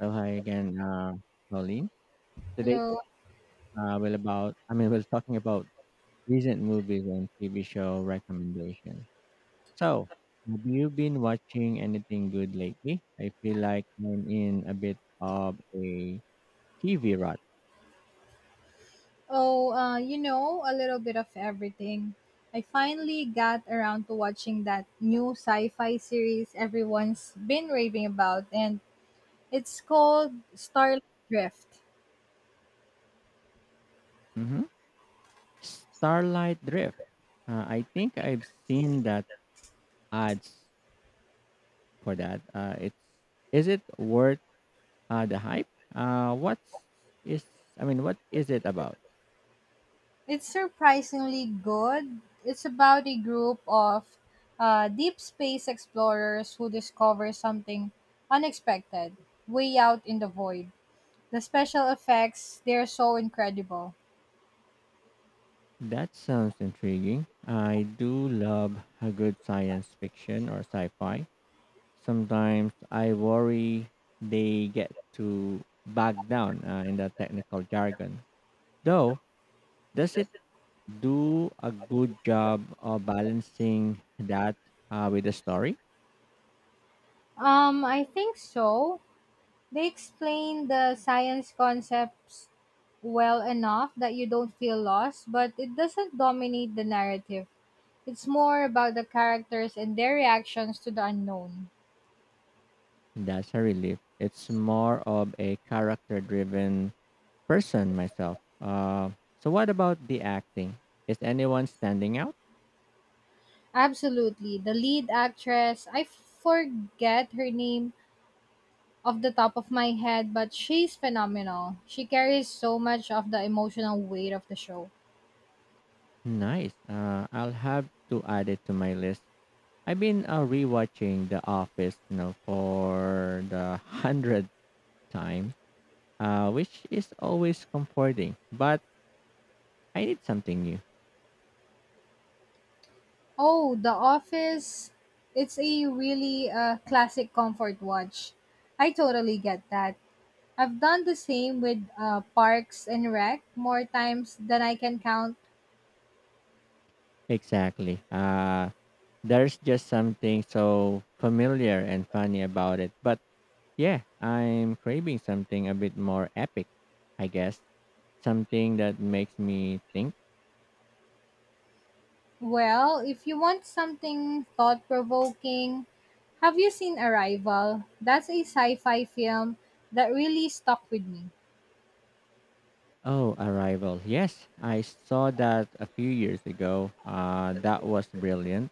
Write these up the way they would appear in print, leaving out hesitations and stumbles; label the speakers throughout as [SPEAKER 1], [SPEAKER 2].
[SPEAKER 1] So hi again, Pauline. Today,
[SPEAKER 2] Hello.
[SPEAKER 1] we're talking about recent movies and TV show recommendations. So, have you been watching anything good lately? I feel like I'm in a bit of a TV rut.
[SPEAKER 2] Oh, you know, a little bit of everything. I finally got around to watching that new sci fi series everyone's been raving about, and it's called Starlight Drift.
[SPEAKER 1] Hmm. Starlight Drift. I think I've seen that ads for that. It's Is it worth the hype? Uh, what's is what is it about?
[SPEAKER 2] It's surprisingly good. It's about a group of deep space explorers who discover something unexpected way out in the void. The special effects, they're so incredible.
[SPEAKER 1] That sounds intriguing. I do love a good science fiction or sci fi. Sometimes I worry they get too bogged down in the technical jargon. Though, does it do a good job of balancing that with the story?
[SPEAKER 2] I think so. They explain the science concepts well enough that you don't feel lost, but it doesn't dominate the narrative. It's more about the characters and their reactions to the unknown.
[SPEAKER 1] That's a relief. It's more of a character driven person myself. So, what about the acting? Is anyone standing out?
[SPEAKER 2] Absolutely. The lead actress, I forget her name off the top of my head, but she's phenomenal. She carries so much of the emotional weight of the show.
[SPEAKER 1] Nice. I'll have to add it to my list. I've been rewatching The Office, for the hundredth time, which is always comforting. But I need something new.
[SPEAKER 2] Oh, The Office. It's a really classic comfort watch. I totally get that. I've done the same with Parks and Rec more times than I can count.
[SPEAKER 1] Exactly. There's just something so familiar and funny about it. But yeah, I'm craving something a bit more epic, I guess. Something that makes me think.
[SPEAKER 2] Well, if you want something thought provoking, have you seen Arrival? That's a sci fi film that really stuck with me,
[SPEAKER 1] Oh, Arrival. Yes, I saw that a few years ago. That was brilliant.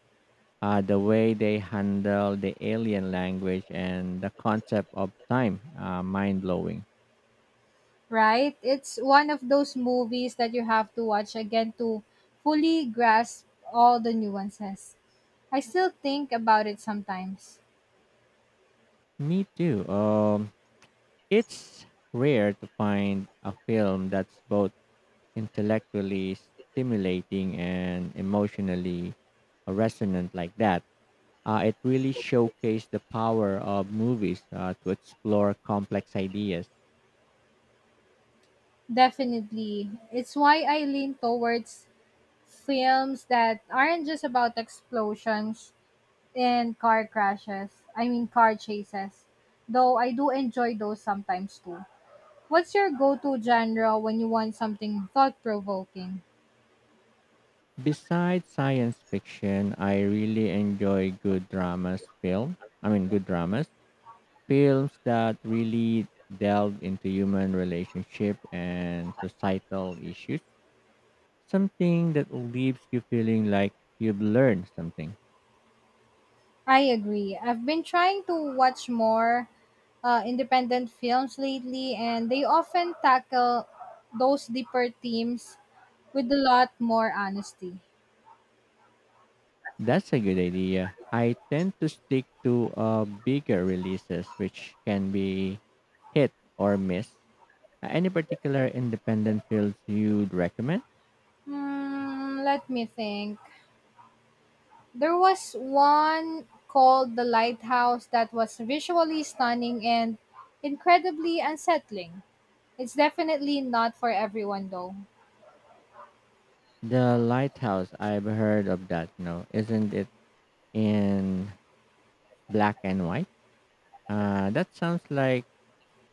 [SPEAKER 1] The way they handle the alien language and the concept of time, mind blowing.
[SPEAKER 2] right? It's one of those movies that you have to watch again to fully grasp all the nuances. I still think about it sometimes.
[SPEAKER 1] Me too. It's rare to find a film that's both intellectually stimulating and emotionally resonant like that. It really showcased the power of movies to explore complex ideas.
[SPEAKER 2] Definitely. It's why I lean towards films that aren't just about explosions and car crashes. I mean, car chases. Though I do enjoy those sometimes too. What's your go to genre when you want something thought provoking?
[SPEAKER 1] Besides science fiction, I really enjoy good dramas film. I mean, good dramas. Films that really delve into human relationship and societal issues. Something that leaves you feeling like you've learned something.
[SPEAKER 2] I agree. I've been trying to watch more independent films lately, and they often tackle those deeper themes with a lot more honesty.
[SPEAKER 1] That's a good idea. I tend to stick to bigger releases, which can be hit or miss. Any particular independent fields you'd recommend?
[SPEAKER 2] Hmm, let me think. There was one called The Lighthouse that was visually stunning and incredibly unsettling. It's definitely not for everyone though.
[SPEAKER 1] The lighthouse, I've heard of that. No, isn't it in black and white? That sounds like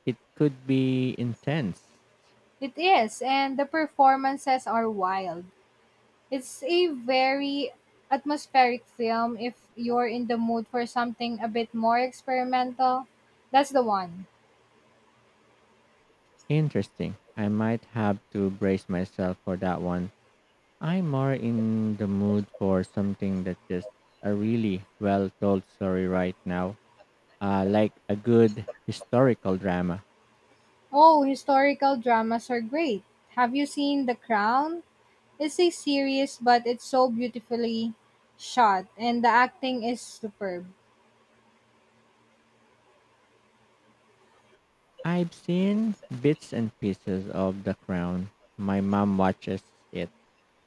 [SPEAKER 1] it could be intense.
[SPEAKER 2] It is, and the performances are wild. It's a very atmospheric film if you're in the mood for something a bit more experimental. That's the one.
[SPEAKER 1] Interesting. I might have to brace myself for that one. I'm more in the mood for something that's just a really well told story right now, like a good historical drama.
[SPEAKER 2] Oh, historical dramas are great. Have you seen The Crown? It's a series, but it's so beautifully shot, and the acting is superb.
[SPEAKER 1] I've seen bits and pieces of The Crown. My mom watches it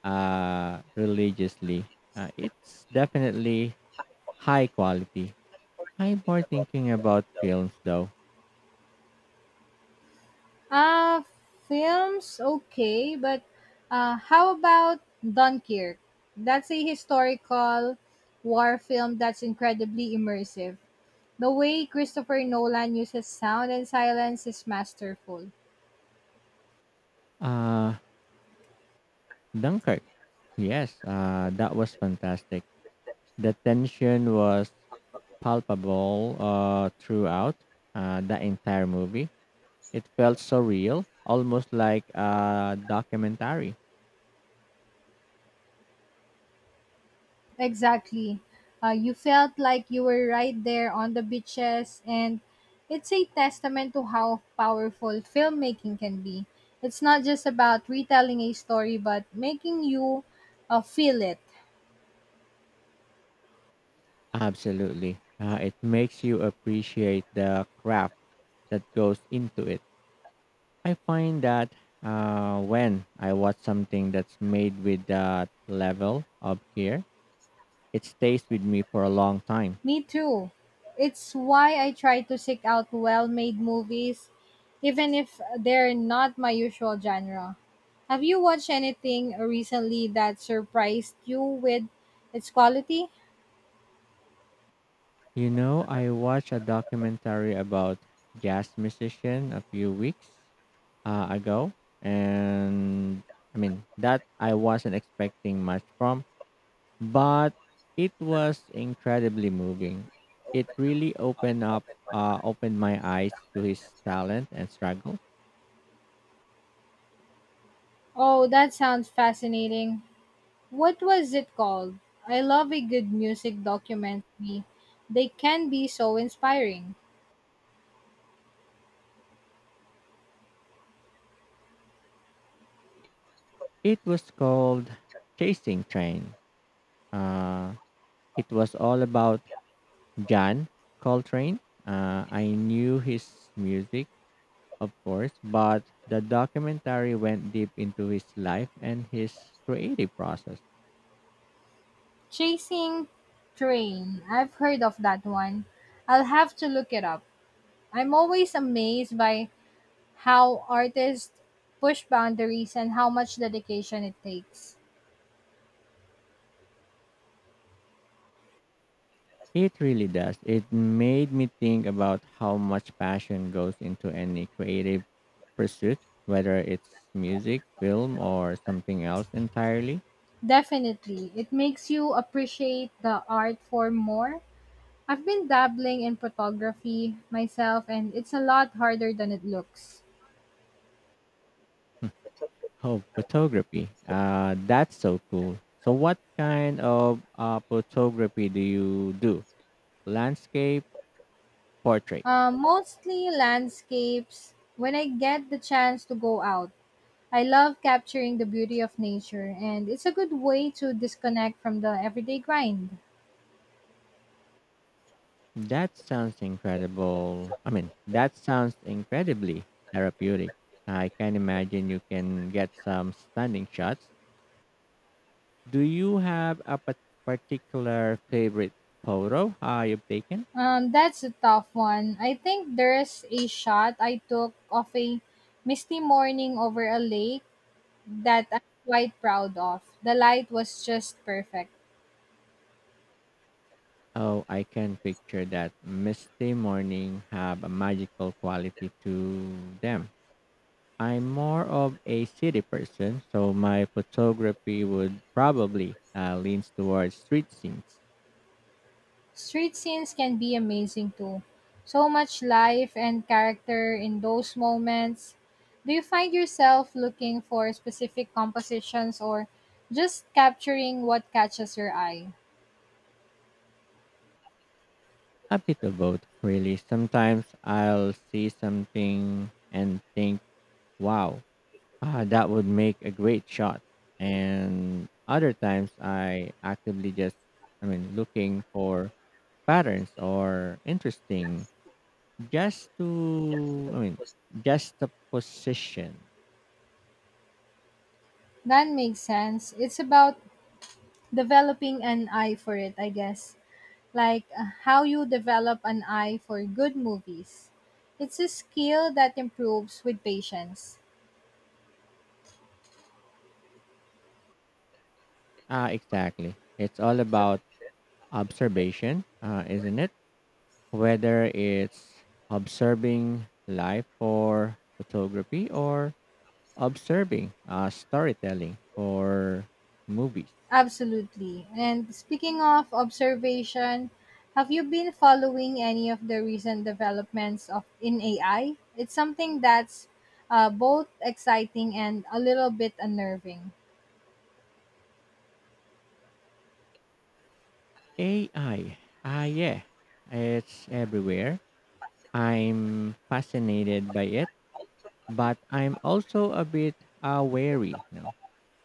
[SPEAKER 1] religiously. It's definitely high quality. I'm more thinking about films though.
[SPEAKER 2] Uh, film's okay, but how about Dunkirk? That's a historical war film that's incredibly immersive. The way Christopher Nolan uses sound and silence is masterful.
[SPEAKER 1] Uh, Dunkirk. Yes, that was fantastic. The tension was palpable throughout the entire movie. It felt so real, almost like a documentary.
[SPEAKER 2] Exactly. You felt like you were right there on the beaches, and it's a testament to how powerful filmmaking can be. It's not just about retelling a story, but making you feel it.
[SPEAKER 1] Absolutely. It makes you appreciate the craft that goes into it. I find that when I watch something that's made with that level of care, it stays with me for a long time.
[SPEAKER 2] Me too. It's why I try to seek out well made movies, even if they're not my usual genre. Have you watched anything recently that surprised you with its quality?
[SPEAKER 1] You know, I watched a documentary about jazz musician a few weeks ago, and that I wasn't expecting much from, but it was incredibly moving. It really opened my eyes to his talent and struggle.
[SPEAKER 2] Oh, that sounds fascinating. What was it called? I love a good music documentary. They can be so inspiring.
[SPEAKER 1] It was called Chasing Train. Uh, it was all about John Coltrane. I knew his music, of course, but the documentary went deep into his life and his creative process.
[SPEAKER 2] Chasing Train. I've heard of that one. I'll have to look it up. I'm always amazed by how artists push boundaries and how much dedication it takes.
[SPEAKER 1] It really does. It made me think about how much passion goes into any creative pursuit, whether it's music, film, or something else entirely.
[SPEAKER 2] Definitely, it makes you appreciate the art form more. I've been dabbling in photography myself, and it's a lot harder than it looks.
[SPEAKER 1] Oh, photography. That's so cool. So, what kind of photography do you do? Landscape, portraits?
[SPEAKER 2] Mostly landscapes when I get the chance to go out. I love capturing the beauty of nature, and it's a good way to disconnect from the everyday grind.
[SPEAKER 1] That sounds incredibly therapeutic. I can imagine you can get some stunning shots. Do you have a particular favorite photo you've taken?
[SPEAKER 2] That's a tough one. I think there's a shot I took of a misty morning over a lake that I'm quite proud of. The light was just perfect.
[SPEAKER 1] Oh, I can picture that misty morning have a magical quality to them. I'm more of a city person, so my photography would probably leans towards street scenes.
[SPEAKER 2] Street scenes can be amazing too. So much life and character in those moments. Do you find yourself looking for specific compositions or just capturing what catches your eye?
[SPEAKER 1] A bit of both, really. Sometimes I'll see something and think, wow, ah, that would make a great shot. And other times I actively just, I mean, looking for patterns or interesting just to, I mean, just the position.
[SPEAKER 2] That makes sense. It's about developing an eye for it, I guess. Like how you develop an eye for good movies. It's a skill that improves with patience.
[SPEAKER 1] Ah, exactly. It's all about observation, isn't it? Whether it's observing life for photography or observing storytelling for movies.
[SPEAKER 2] Absolutely. And speaking of observation, have you been following any of the recent developments of in AI? It's something that's both exciting and a little bit unnerving.
[SPEAKER 1] AI. Ah, yeah. It's everywhere. I'm fascinated by it, but I'm also a bit wary. You know?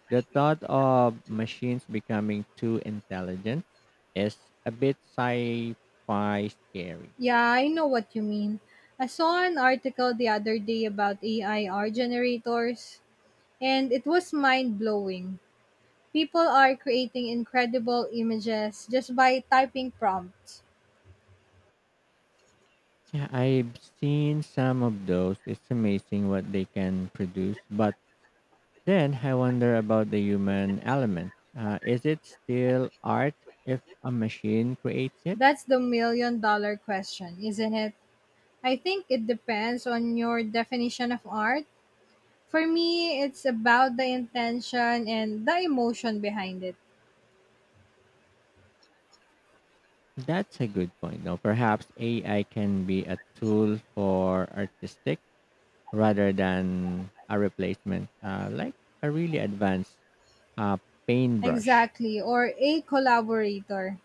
[SPEAKER 1] The thought of machines becoming too intelligent is a bit sci fi scary.
[SPEAKER 2] Yeah, I know what you mean. I saw an article the other day about AI art generators, and it was mind blowing. People are creating incredible images just by typing prompts.
[SPEAKER 1] Yeah, I've seen some of those. It's amazing what they can produce, but then I wonder about the human element. Is it still art if a machine creates it?
[SPEAKER 2] That's the million-dollar question, isn't it? I think it depends on your definition of art. For me, it's about the intention and the emotion behind it.
[SPEAKER 1] That's a good point. Now, perhaps AI can be a tool for artistic rather than a replacement, like a really advanced uh, paintbrush.
[SPEAKER 2] Exactly, or a collaborator.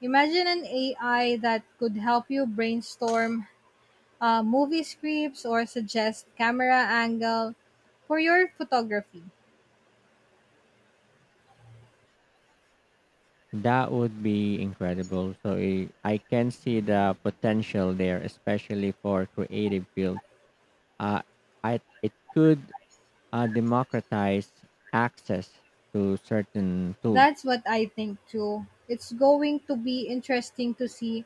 [SPEAKER 2] Imagine an AI that could help you brainstorm movie scripts or suggest camera angle for your photography.
[SPEAKER 1] That would be incredible. So I can see the potential there, especially for creative fields. Uh, it could democratize access to certain tools.
[SPEAKER 2] That's what I think too. It's going to be interesting to see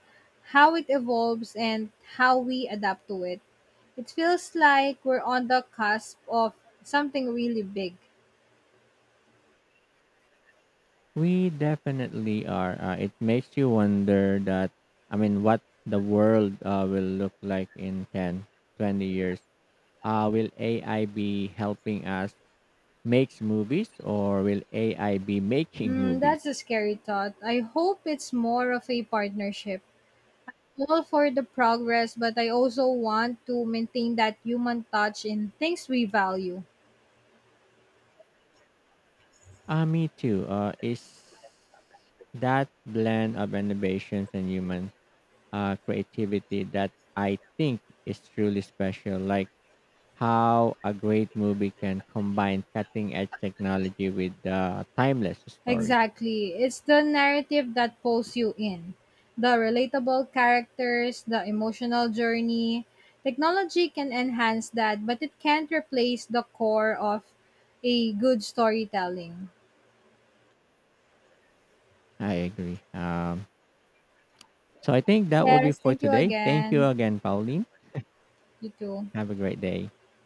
[SPEAKER 2] how it evolves and how we adapt to it. It feels like we're on the cusp of something really big.
[SPEAKER 1] We definitely are. It makes you wonder what the world will look like in 10, 20 years. Will AI be helping us make movies, or will AI be making
[SPEAKER 2] Hmm,
[SPEAKER 1] movies?
[SPEAKER 2] that's a scary thought. I hope it's more of a partnership. All for the progress, but I also want to maintain that human touch in things we value.
[SPEAKER 1] Me too. Is that blend of innovations and human creativity that I think is truly special. Like, how a great movie can combine cutting edge technology with a timeless story.
[SPEAKER 2] Exactly. It's the narrative that pulls you in. The relatable characters, the emotional journey. Technology can enhance that, but it can't replace the core of a good storytelling.
[SPEAKER 1] I agree. So I think that will be
[SPEAKER 2] Yes,
[SPEAKER 1] for
[SPEAKER 2] thank you
[SPEAKER 1] today. Thank you
[SPEAKER 2] again.
[SPEAKER 1] again, Pauline.
[SPEAKER 2] You too.
[SPEAKER 1] Have a great day.